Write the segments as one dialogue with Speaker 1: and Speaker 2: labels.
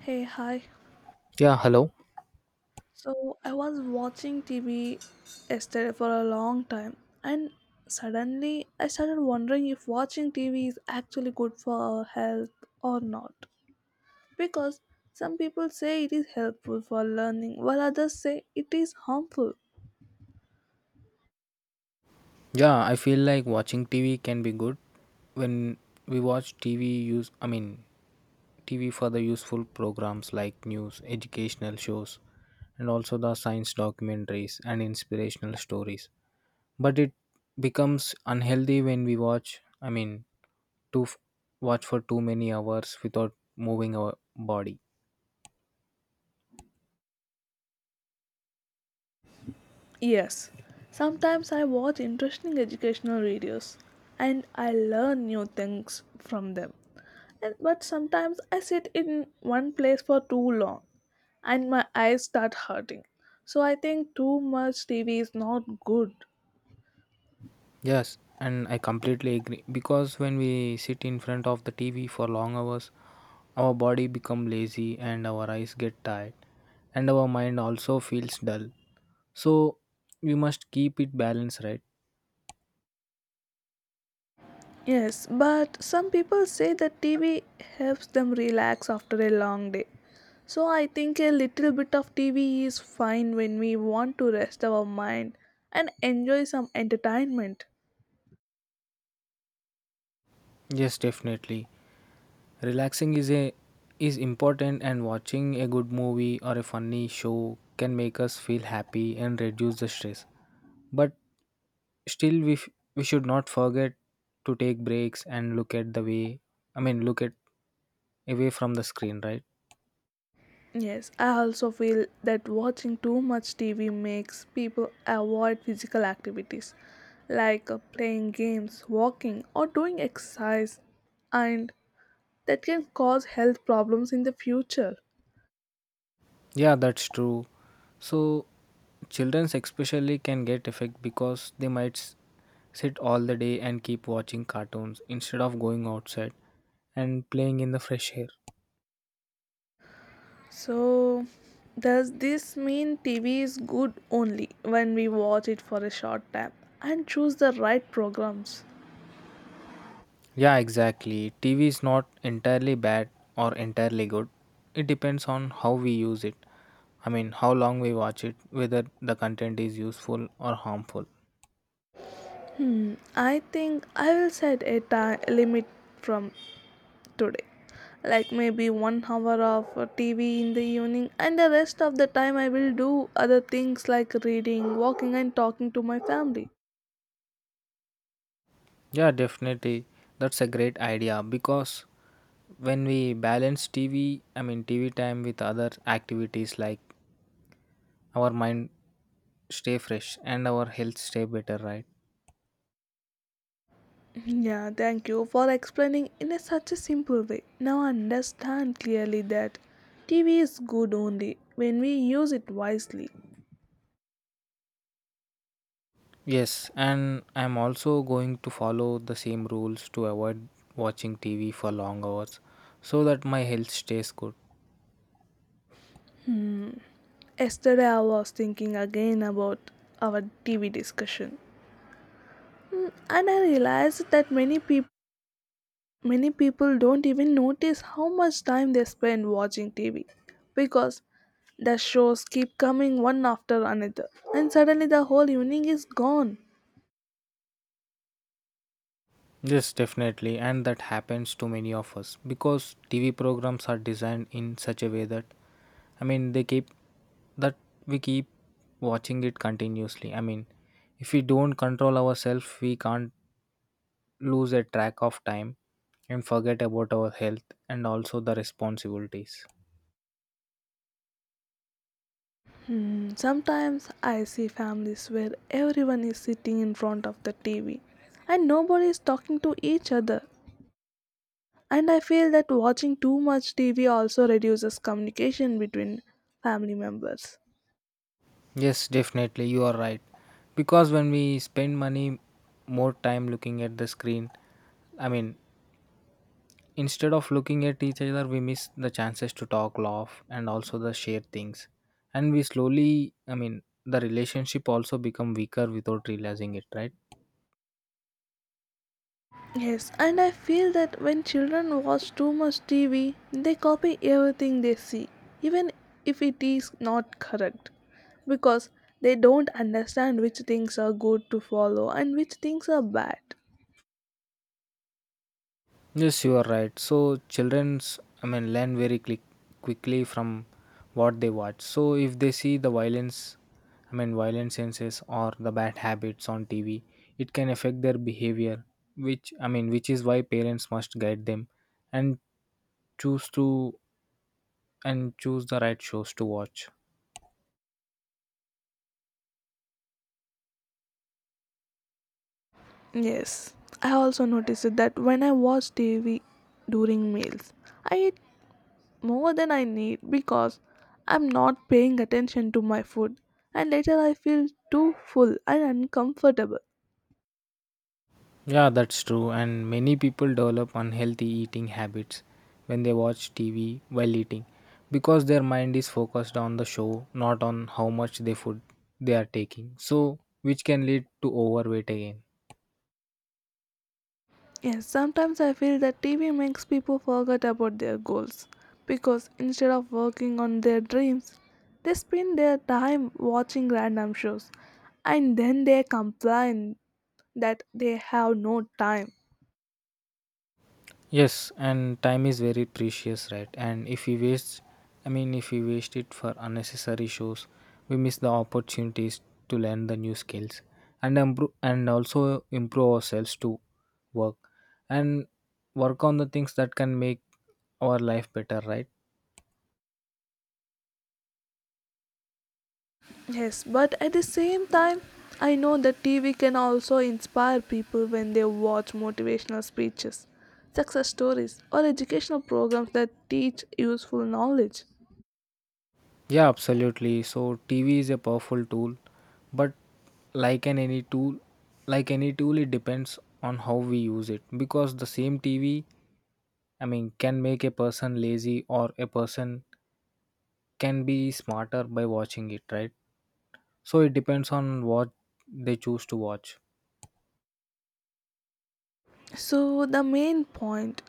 Speaker 1: Hey, hi.
Speaker 2: Yeah, hello.
Speaker 1: So I was watching TV yesterday for a long time, and suddenly I started wondering if watching TV is actually good for our health or not. Because some people say it is helpful for learning, while others say it is harmful.
Speaker 2: Yeah, I feel like watching TV can be good when we watch TV for the useful programs like news, educational shows and also the science documentaries and inspirational stories. But it becomes unhealthy when we watch I mean to f- watch for too many hours without moving our body.
Speaker 1: Yes, sometimes I watch interesting educational videos and I learn new things from them. But sometimes I sit in one place for too long and my eyes start hurting. So I think too much TV is not good.
Speaker 2: Yes, and I completely agree because when we sit in front of the TV for long hours, our body become lazy and our eyes get tired and our mind also feels dull. So we must keep it balanced, right?
Speaker 1: Yes, but some people say that TV helps them relax after a long day. So I think a little bit of TV is fine when we want to rest our mind and enjoy some entertainment.
Speaker 2: Yes, definitely. Relaxing is important and watching a good movie or a funny show can make us feel happy and reduce the stress. But still we should not forget to take breaks and look at away from the screen, right?
Speaker 1: Yes, I also feel that watching too much TV makes people avoid physical activities like playing games, walking, or doing exercise, and that can cause health problems in the future.
Speaker 2: Yeah, that's true. So children especially can get affected because they might sit all the day and keep watching cartoons instead of going outside and playing in the fresh air.
Speaker 1: So, does this mean TV is good only when we watch it for a short time and choose the right programs?
Speaker 2: Yeah, exactly. TV is not entirely bad or entirely good. It depends on how we use it. I mean, how long we watch it, whether the content is useful or harmful.
Speaker 1: I think I will set a time limit from today, like maybe one hour of TV in the evening, and the rest of the time I will do other things like reading, walking, and talking to my family.
Speaker 2: Yeah, definitely. That's a great idea because when we balance TV, I mean TV time with other activities, like our mind stay fresh and our health stay better, right?
Speaker 1: Yeah, thank you for explaining in a such a simple way. Now I understand clearly that TV is good only when we use it wisely.
Speaker 2: Yes, and I'm also going to follow the same rules to avoid watching TV for long hours so that my health stays good.
Speaker 1: Yesterday I was thinking again about our TV discussion, and I realized that many people don't even notice how much time they spend watching TV because the shows keep coming one after another, and suddenly the whole evening is gone.
Speaker 2: Yes, definitely, and that happens to many of us because TV programs are designed in such a way that I mean they keep that we keep watching it continuously. I mean, if we don't control ourselves, we can't lose a track of time and forget about our health and also the responsibilities.
Speaker 1: Sometimes I see families where everyone is sitting in front of the TV and nobody is talking to each other. And I feel that watching too much TV also reduces communication between family members.
Speaker 2: Yes, definitely, you are right. Because when we spend money more time looking at the screen, I mean, instead of looking at each other, we miss the chances to talk, laugh, and also the share things. And we slowly, I mean, the relationship also become weaker without realizing it, right?
Speaker 1: Yes, and I feel that when children watch too much TV, they copy everything they see, even if it is not correct, because they don't understand which things are good to follow and which things are bad.
Speaker 2: Yes, you are right. So childrens, I mean, learn quickly from what they watch. So if they see the violence, I mean, violent senses or the bad habits on TV, it can affect their behavior. Which is why parents must guide them and choose to choose the right shows to watch.
Speaker 1: Yes, I also noticed that when I watch TV during meals, I eat more than I need because I'm not paying attention to my food, and later I feel too full and uncomfortable.
Speaker 2: Yeah, that's true. And many people develop unhealthy eating habits when they watch TV while eating because their mind is focused on the show, not on how much they are taking. So, which can lead to overweight again.
Speaker 1: Yes, sometimes I feel that TV makes people forget about their goals because instead of working on their dreams, they spend their time watching random shows and then they complain that they have no time.
Speaker 2: Yes, and time is very precious, right? And if we waste, I mean, if we waste it for unnecessary shows, we miss the opportunities to learn the new skills and improve, and also improve ourselves to work and work on the things that can make our life better, right?
Speaker 1: Yes, but at the same time, I know that TV can also inspire people when they watch motivational speeches, success stories, or educational programs that teach useful knowledge.
Speaker 2: Yeah, absolutely. So TV is a powerful tool, but like an any tool, like any tool, it depends on how we use it because the same TV, I mean, can make a person lazy or a person can be smarter by watching it, right? So it depends on what they choose to watch.
Speaker 1: So, the main point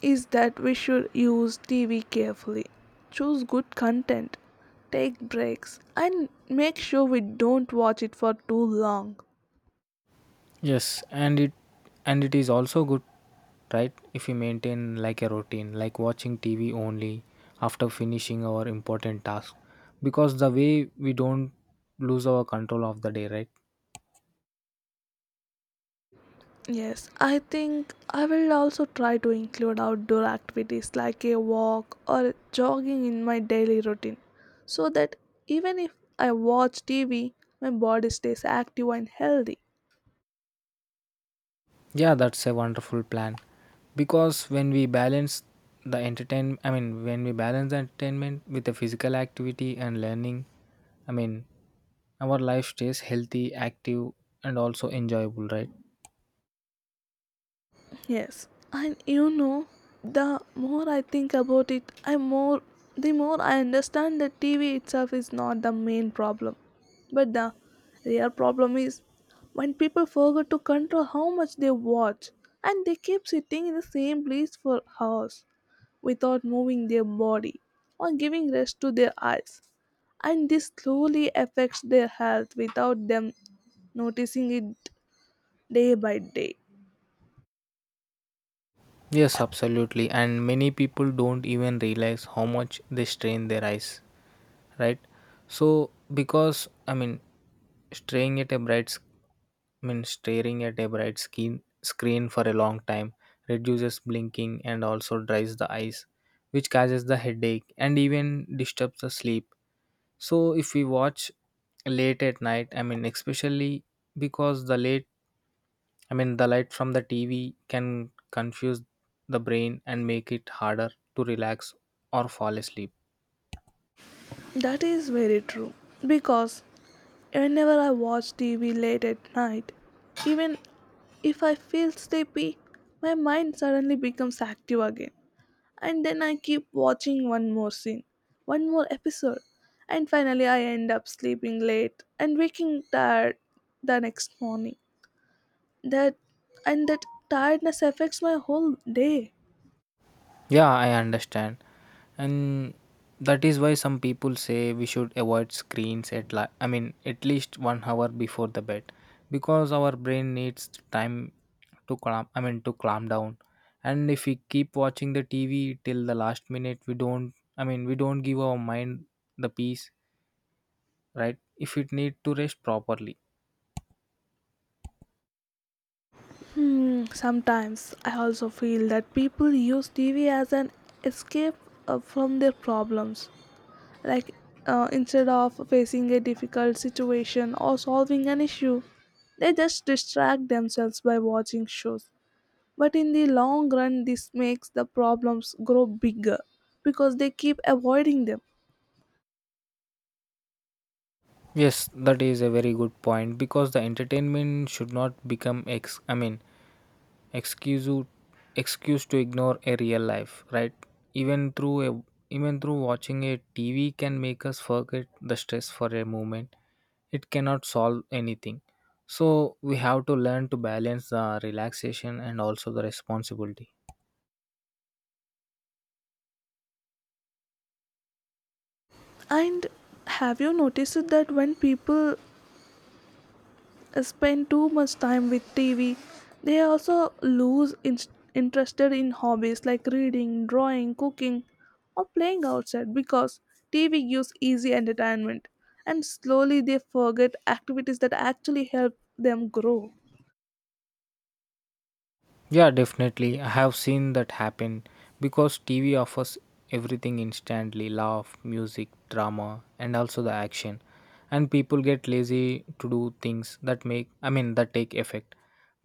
Speaker 1: is that we should use TV carefully, choose good content, take breaks, and make sure we don't watch it for too long.
Speaker 2: Yes, and it is also good, right? If we maintain like a routine, like watching TV only after finishing our important task, because the way we don't lose our control of the day, right?
Speaker 1: Yes, I think I will also try to include outdoor activities like a walk or jogging in my daily routine so that even if I watch TV, my body stays active and healthy.
Speaker 2: Yeah, that's a wonderful plan. Because when we balance the entertain, I mean, when we balance the entertainment with the physical activity and learning, I mean, our life stays healthy, active, and also enjoyable, right?
Speaker 1: Yes, and the more I think about it, I more the more I understand that TV itself is not the main problem, but the real problem is when people forget to control how much they watch and they keep sitting in the same place for hours without moving their body or giving rest to their eyes, and this slowly affects their health without them noticing it day by day.
Speaker 2: Yes, absolutely. And many people don't even realize how much they strain their eyes, right? So, because, I mean, staring at a bright staring at a bright skin, screen for a long time reduces blinking and also dries the eyes, which causes the headache and even disturbs the sleep. So, if we watch late at night, I mean, especially because the late, I mean, the light from the TV can confuse the brain and make it harder to relax or fall asleep.
Speaker 1: That is very true. Because whenever I watch TV late at night, even if I feel sleepy, my mind suddenly becomes active again. And then I keep watching one more scene, one more episode. And finally, I end up sleeping late and waking tired the next morning. That and that tiredness affects my whole day.
Speaker 2: Yeah, I understand. And that is why some people say we should avoid screens at at least 1 hour before the bed because our brain needs time to calm I mean to calm down. And if we keep watching the TV till the last minute we don't I mean we don't give our mind the peace, right? If it need to rest properly.
Speaker 1: Sometimes I also feel that people use TV as an escape from their problems. Like instead of facing a difficult situation or solving an issue, they just distract themselves by watching shows. But in the long run, this makes the problems grow bigger because they keep avoiding them.
Speaker 2: Yes, that is a very good point because the entertainment should not become ex I mean excuse you- excuse to ignore a real life, right? even through a Even through watching a TV can make us forget the stress for a moment, it cannot solve anything. So we have to learn to balance the relaxation and also the responsibility.
Speaker 1: And have you noticed that when people spend too much time with TV, they also lose interested in hobbies like reading, drawing, cooking, or playing outside, because TV gives easy entertainment and slowly they forget activities that actually help them grow?
Speaker 2: Yeah, definitely. I have seen that happen because TV offers everything instantly: laugh, music, drama, and also the action. And people get lazy to do things that that take effect.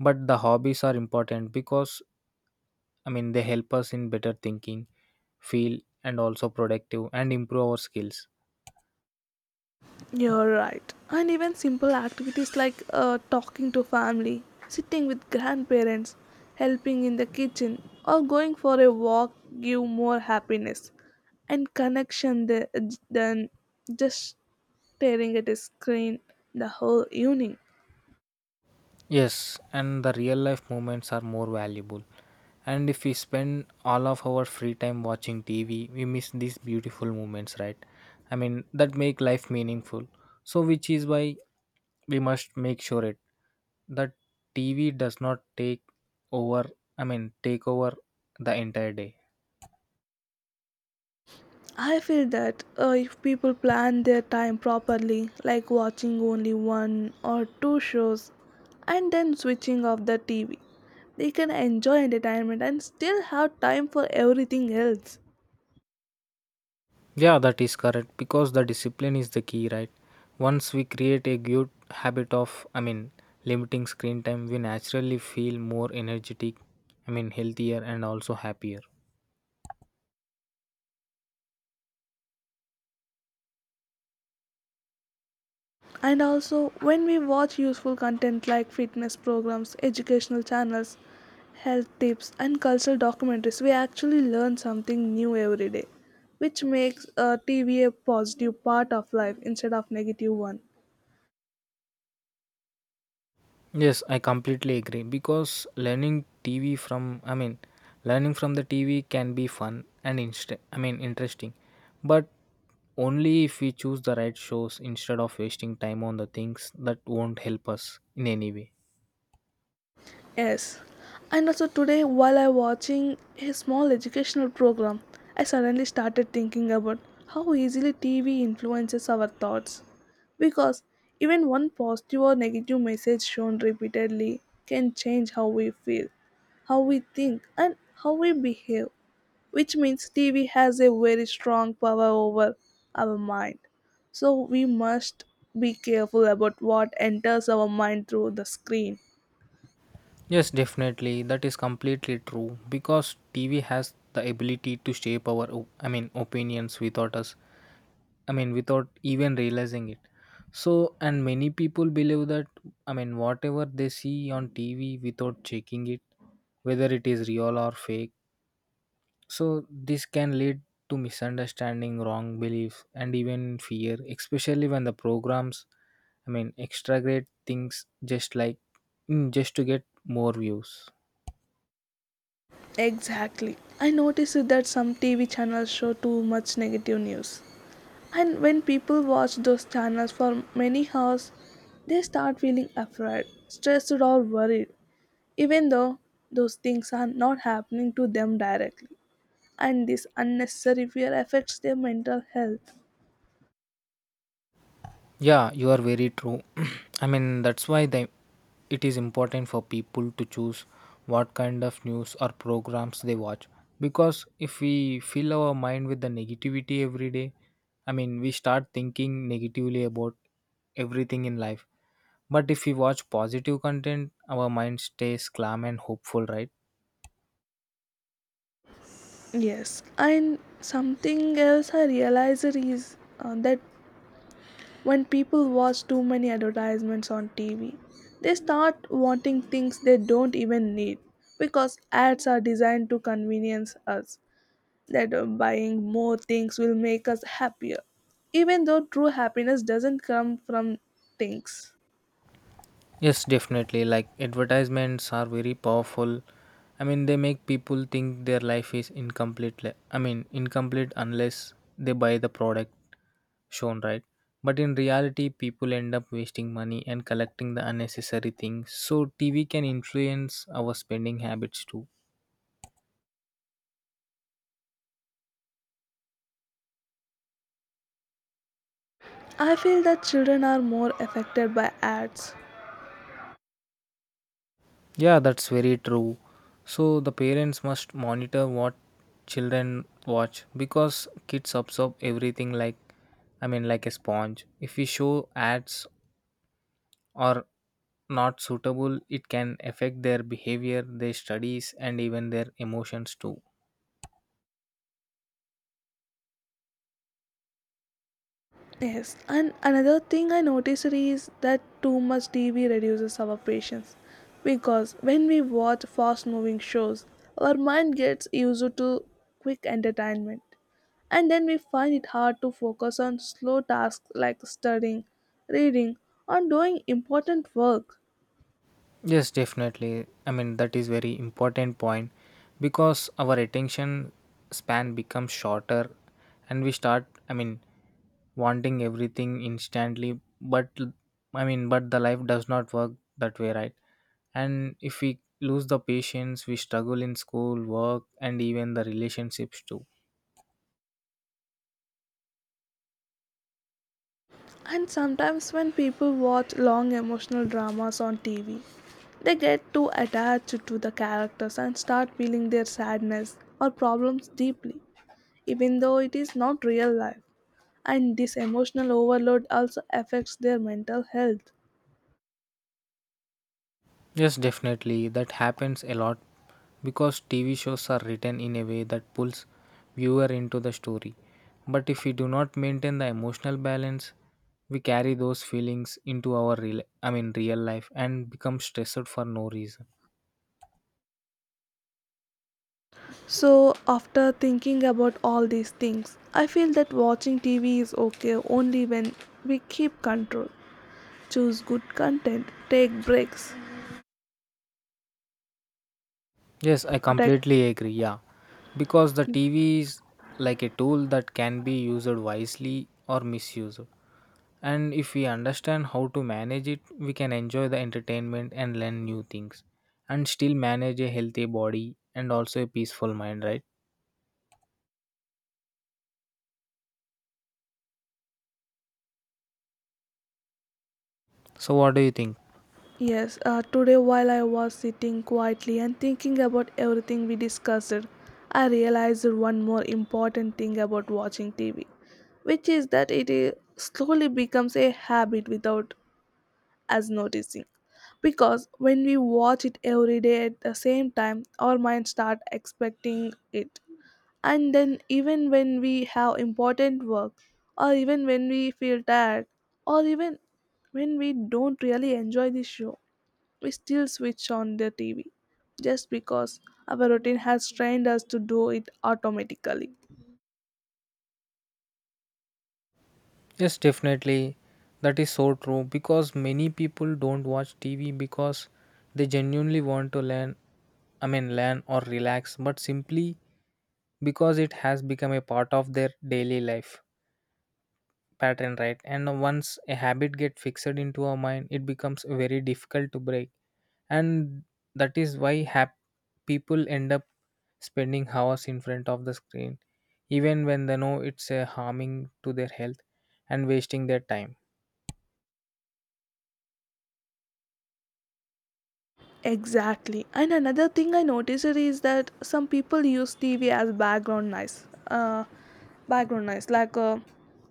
Speaker 2: But the hobbies are important because, I mean, they help us in better thinking, feel, and also productive and improve our skills.
Speaker 1: You're right. And even simple activities like talking to family, sitting with grandparents, helping in the kitchen, or going for a walk give more happiness and connection than just staring at a screen the whole evening.
Speaker 2: Yes, and the real life moments are more valuable. And if we spend all of our free time watching TV, we miss these beautiful moments, right? I mean, that make life meaningful. So, which is why we must make sure it that TV does not over, take over the entire day.
Speaker 1: I feel that if people plan their time properly, like watching only one or two shows and then switching off the TV, they can enjoy entertainment and still have time for everything else.
Speaker 2: Yeah, that is correct because the discipline is the key, right? Once we create a good habit of, I mean, limiting screen time, we naturally feel more energetic, I mean, healthier and also happier.
Speaker 1: And also, when we watch useful content like fitness programs, educational channels, health tips, and cultural documentaries, we actually learn something new every day, which makes TV a positive part of life instead of negative one.
Speaker 2: Yes, I completely agree because learning TV from, I mean, learning from the TV can be fun and interesting, but only if we choose the right shows instead of wasting time on the things that won't help us in any way.
Speaker 1: Yes. And also today while I watching a small educational program, I suddenly started thinking about how easily TV influences our thoughts. Because even one positive or negative message shown repeatedly can change how we feel, how we think, and how we behave, which means TV has a very strong power over our mind. So we must be careful about what enters our mind through the screen.
Speaker 2: Yes, definitely. That is completely true because TV has the ability to shape our, opinions without us, I mean, without even realizing it. So, and many people believe that, I mean, whatever they see on TV without checking it, whether it is real or fake. So, this can lead to misunderstanding, wrong belief, and even fear, especially when the programs, I mean, exaggerate things just like, just to get more views.
Speaker 1: Exactly. I noticed that some TV channels show too much negative news. And when people watch those channels for many hours, they start feeling afraid, stressed, or worried, even though those things are not happening to them directly. And this unnecessary fear affects their mental health.
Speaker 2: Yeah, you are very true. I mean, that's why they, it is important for people to choose what kind of news or programs they watch. Because if we fill our mind with the negativity every day, I mean, we start thinking negatively about everything in life. But if we watch positive content, our mind stays calm and hopeful, right?
Speaker 1: Yes, and something else I realized is that when people watch too many advertisements on TV, they start wanting things they don't even need, because ads are designed to convenience us that buying more things will make us happier, even though true happiness doesn't come from things.
Speaker 2: Yes, definitely. Like advertisements are very powerful. I mean, they make people think their life is incomplete. Incomplete unless they buy the product shown, right? But in reality, people end up wasting money and collecting the unnecessary things. So, TV can influence our spending habits too.
Speaker 1: I feel that children are more affected by ads.
Speaker 2: Yeah, that's very true. So, the parents must monitor what children watch because kids absorb everything like like a sponge. If we show ads or not suitable, it can affect their behavior, their studies, and even their emotions too.
Speaker 1: Yes, and another thing I noticed is that too much TV reduces our patience, because when we watch fast moving shows, our mind gets used to quick entertainment, and then we find it hard to focus on slow tasks like studying, reading, or doing important work.
Speaker 2: Yes, definitely. I mean, that is very important point because our attention span becomes shorter and we start, I mean, wanting everything instantly, but but the life does not work that way, right? And if we lose the patience, we struggle in school, work, and even the relationships too.
Speaker 1: And sometimes when people watch long emotional dramas on TV, they get too attached to the characters and start feeling their sadness or problems deeply, even though it is not real life. And this emotional overload also affects their mental health.
Speaker 2: Yes, definitely. That happens a lot because TV shows are written in a way that pulls viewer into the story. But if we do not maintain the emotional balance, we carry those feelings into our real I mean real life and become stressed for no reason.
Speaker 1: So, after thinking about all these things, I feel that watching TV is okay only when we keep control, choose good content, take breaks,
Speaker 2: Yes, I
Speaker 1: protect.
Speaker 2: completely agree. Yeah. Because the TV is like a tool that can be used wisely or misused. And if we understand how to manage it, we can enjoy the entertainment and learn new things and still manage a healthy body and also a peaceful mind, right? So, what do you think?
Speaker 1: Yes, today while I was sitting quietly and thinking about everything we discussed, I realized one more important thing about watching TV, which is that it is slowly becomes a habit without us noticing. Because when we watch it every day at the same time, our mind start expecting it. And then even when we have important work, or even when we feel tired, or even when we don't really enjoy the show, we still switch on the TV just because our routine has trained us to do it automatically.
Speaker 2: Yes, definitely. That is so true because many people don't watch TV because they genuinely want to learn or relax, but simply because it has become a part of their daily life pattern, right? And once a habit get fixed into our mind it becomes very difficult to break. And that is why people end up spending hours in front of the screen even when they know it's a harming to their health and wasting their time.
Speaker 1: Exactly. And another thing I noticed is that some people use TV as background noise. Background noise, like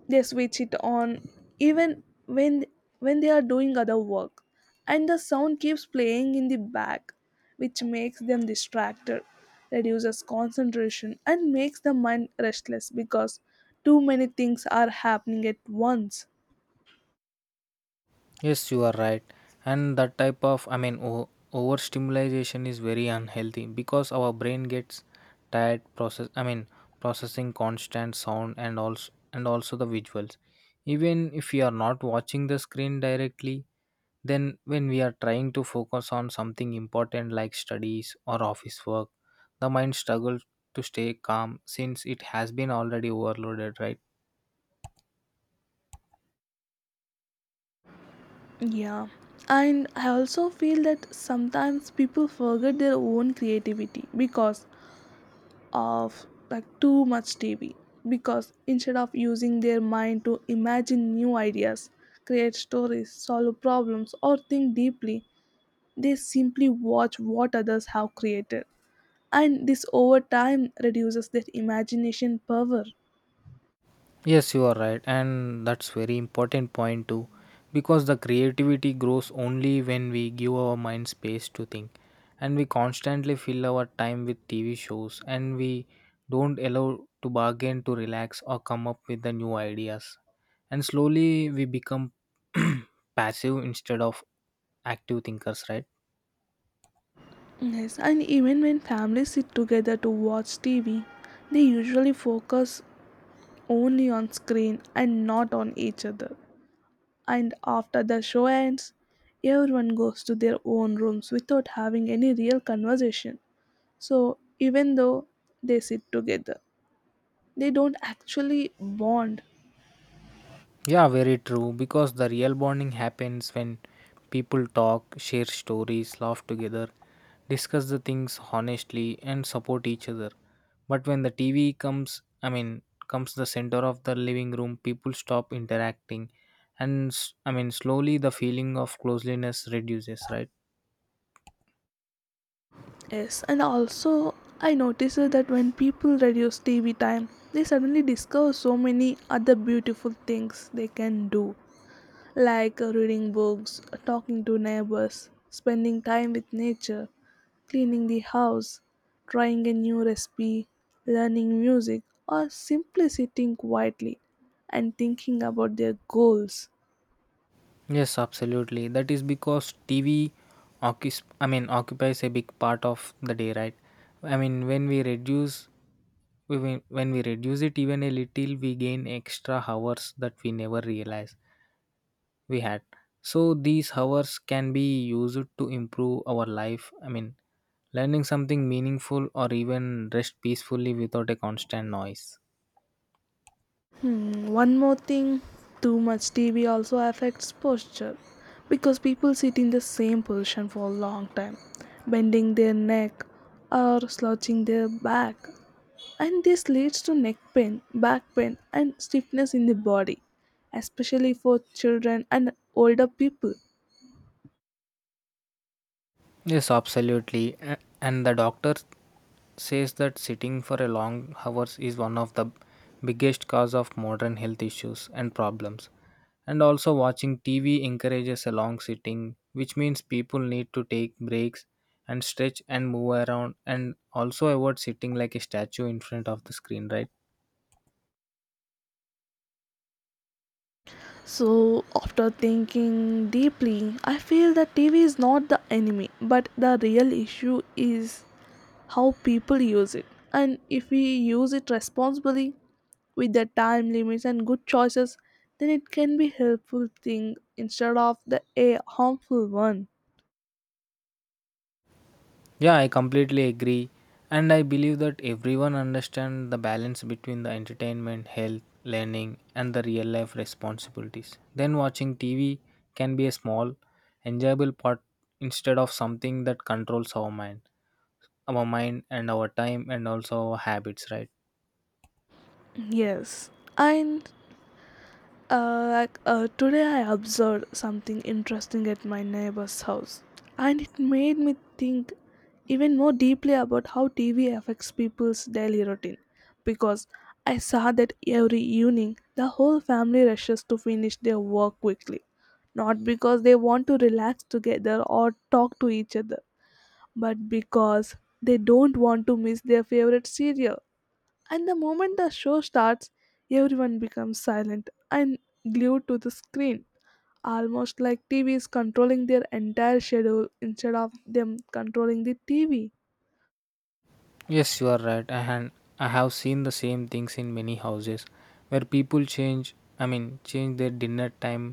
Speaker 1: they switch it on even when they are doing other work, and the sound keeps playing in the back, which makes them distracted, reduces concentration, and makes the mind restless because too many things are happening at once.
Speaker 2: Yes, you are right. And that type of, overstimulation is very unhealthy because our brain gets tired process. I mean, processing constant sound and also the visuals. Even if we are not watching the screen directly, then when we are trying to focus on something important like studies or office work, the mind struggles to stay calm since it has been already overloaded, right?
Speaker 1: Yeah, and I also feel that sometimes people forget their own creativity because of like too much TV. Because instead of using their mind to imagine new ideas, create stories, solve problems, or think deeply, they simply watch what others have created. And this over time reduces their imagination power.
Speaker 2: Yes, you are right, and that's very important point too, because the creativity grows only when we give our mind space to think, and we constantly fill our time with TV shows, and we don't allow to bargain to relax or come up with the new ideas, and slowly we become passive instead of active thinkers, right?
Speaker 1: Yes, and even when families sit together to watch TV, they usually focus only on screen and not on each other. And after the show ends, everyone goes to their own rooms without having any real conversation. So, even though they sit together, they don't actually bond.
Speaker 2: Yeah, very true. Because the real bonding happens when people talk, share stories, laugh together, discuss the things honestly, and support each other. But when the TV comes the center of the living room, people stop interacting, and slowly the feeling of closeliness reduces, right?
Speaker 1: Yes, and also I noticed that when people reduce TV time, they suddenly discover so many other beautiful things they can do, like reading books, talking to neighbors, spending time with nature, cleaning the house, trying a new recipe, learning music, or simply sitting quietly and thinking about their goals.
Speaker 2: Yes, absolutely. That is because TV occupies a big part of the day, right? I mean when we when we reduce it even a little we gain extra hours that we never realize we had. So these hours can be used to improve our life. I mean learning something meaningful or even rest peacefully without a constant noise.
Speaker 1: One more thing, too much TV also affects posture because people sit in the same position for a long time, bending their neck or slouching their back, and this leads to neck pain, back pain, and stiffness in the body, especially for children and older people.
Speaker 2: Yes, absolutely. And the doctor says that sitting for a long hours is one of the biggest cause of modern health issues and problems. And also watching TV encourages a long sitting, which means people need to take breaks and stretch and move around and also avoid sitting like a statue in front of the screen, right?
Speaker 1: So, after thinking deeply, I feel that TV is not the enemy, but the real issue is how people use it. And if we use it responsibly with the time limits and good choices, then it can be helpful thing instead of the a harmful one.
Speaker 2: Yeah, I completely agree. And I believe that everyone understands the balance between the entertainment, health, learning, and the real life responsibilities. Then watching TV can be a small, enjoyable part instead of something that controls our mind and our time and also our habits, right?
Speaker 1: Yes. And like today, I observed something interesting at my neighbor's house, and it made me think even more deeply about how TV affects people's daily routine. Because I saw that every evening, the whole family rushes to finish their work quickly, not because they want to relax together or talk to each other, but because they don't want to miss their favorite cereal, and the moment the show starts, everyone becomes silent and glued to the screen, almost like TV is controlling their entire schedule instead of them controlling the TV.
Speaker 2: Yes, you are right. I have seen the same things in many houses where people change their dinner time,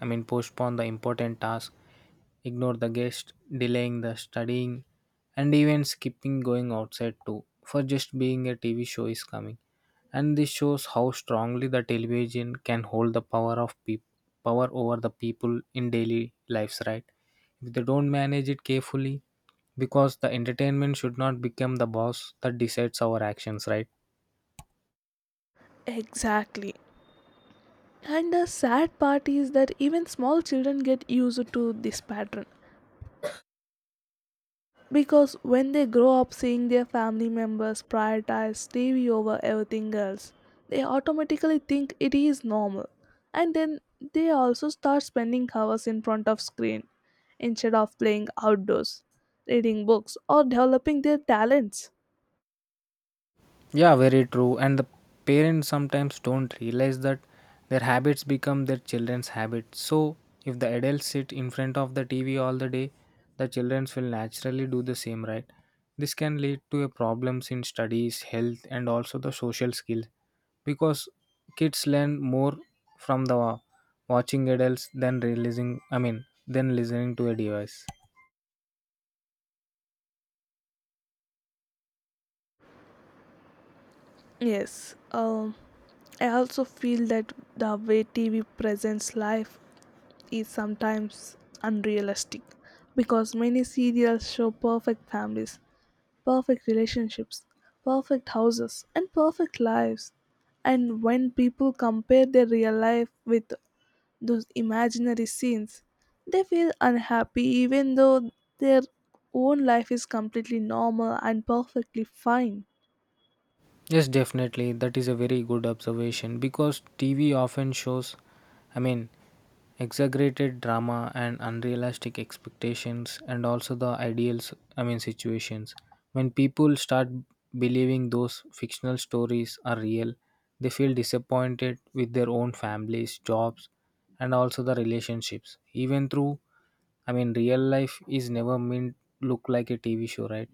Speaker 2: I mean postpone the important task, ignore the guest, delaying the studying and even skipping going outside too for just being a TV show is coming. And this shows how strongly the television can hold the power of peop power over the people in daily lives, right? If they don't manage it carefully, because the entertainment should not become the boss that decides our actions, right?
Speaker 1: Exactly. And the sad part is that even small children get used to this pattern. Because when they grow up seeing their family members prioritize TV over everything else, they automatically think it is normal. And then they also start spending hours in front of screen instead of playing outdoors, reading books, or developing their talents.
Speaker 2: Yeah, very true. And the parents sometimes don't realize that their habits become their children's habits. So if the adults sit in front of the TV all the day, the children will naturally do the same, right? This can lead to a problems in studies, health, and also the social skills, because kids learn more from the watching adults than realizing I mean than listening to a device.
Speaker 1: Yes, I also feel that the way TV presents life is sometimes unrealistic, because many serials show perfect families, perfect relationships, perfect houses, and perfect lives. And when people compare their real life with those imaginary scenes, they feel unhappy even though their own life is completely normal and perfectly fine.
Speaker 2: Yes, definitely. That is a very good observation because TV often shows, I mean, exaggerated drama and unrealistic expectations, and also the situations. When people start believing those fictional stories are real, they feel disappointed with their own families, jobs, and also the relationships. Even through, I mean, real life is never meant look like a TV show, right?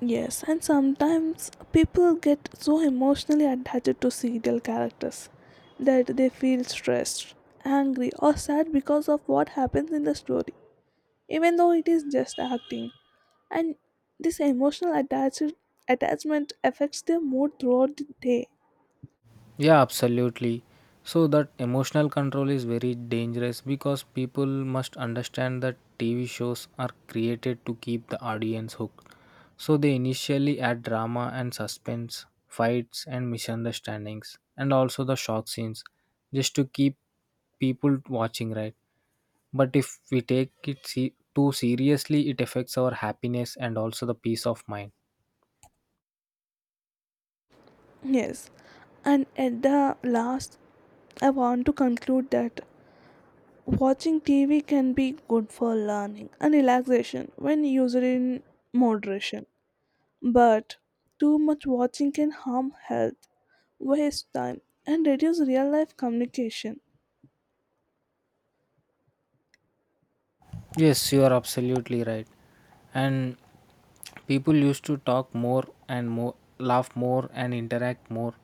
Speaker 1: Yes, and sometimes people get so emotionally attached to serial characters that they feel stressed, angry, or sad because of what happens in the story, even though it is just acting. And this emotional attachment affects their mood throughout the day.
Speaker 2: Yeah, absolutely. So that emotional control is very dangerous because people must understand that TV shows are created to keep the audience hooked. So they initially add drama and suspense, fights and misunderstandings, and also the shock scenes just to keep people watching, right? But if we take it too seriously, it affects our happiness and also the peace of mind.
Speaker 1: Yes, and at the last, I want to conclude that watching TV can be good for learning and relaxation when used in moderation, but too much watching can harm health, waste time, and reduce real life communication.
Speaker 2: Yes, you are absolutely right. And people used to talk more and more, laugh more and interact more.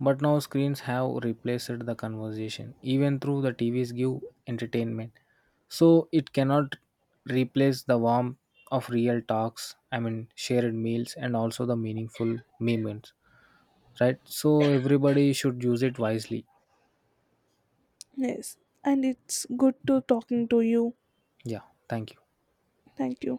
Speaker 2: But now screens have replaced the conversation. Even through the TVs give entertainment. So it cannot replace the warmth of real talks, I mean shared meals and also the meaningful moments. Right? So everybody should use it wisely.
Speaker 1: Yes, and it's good to talking to you.
Speaker 2: Yeah, thank you.
Speaker 1: Thank you.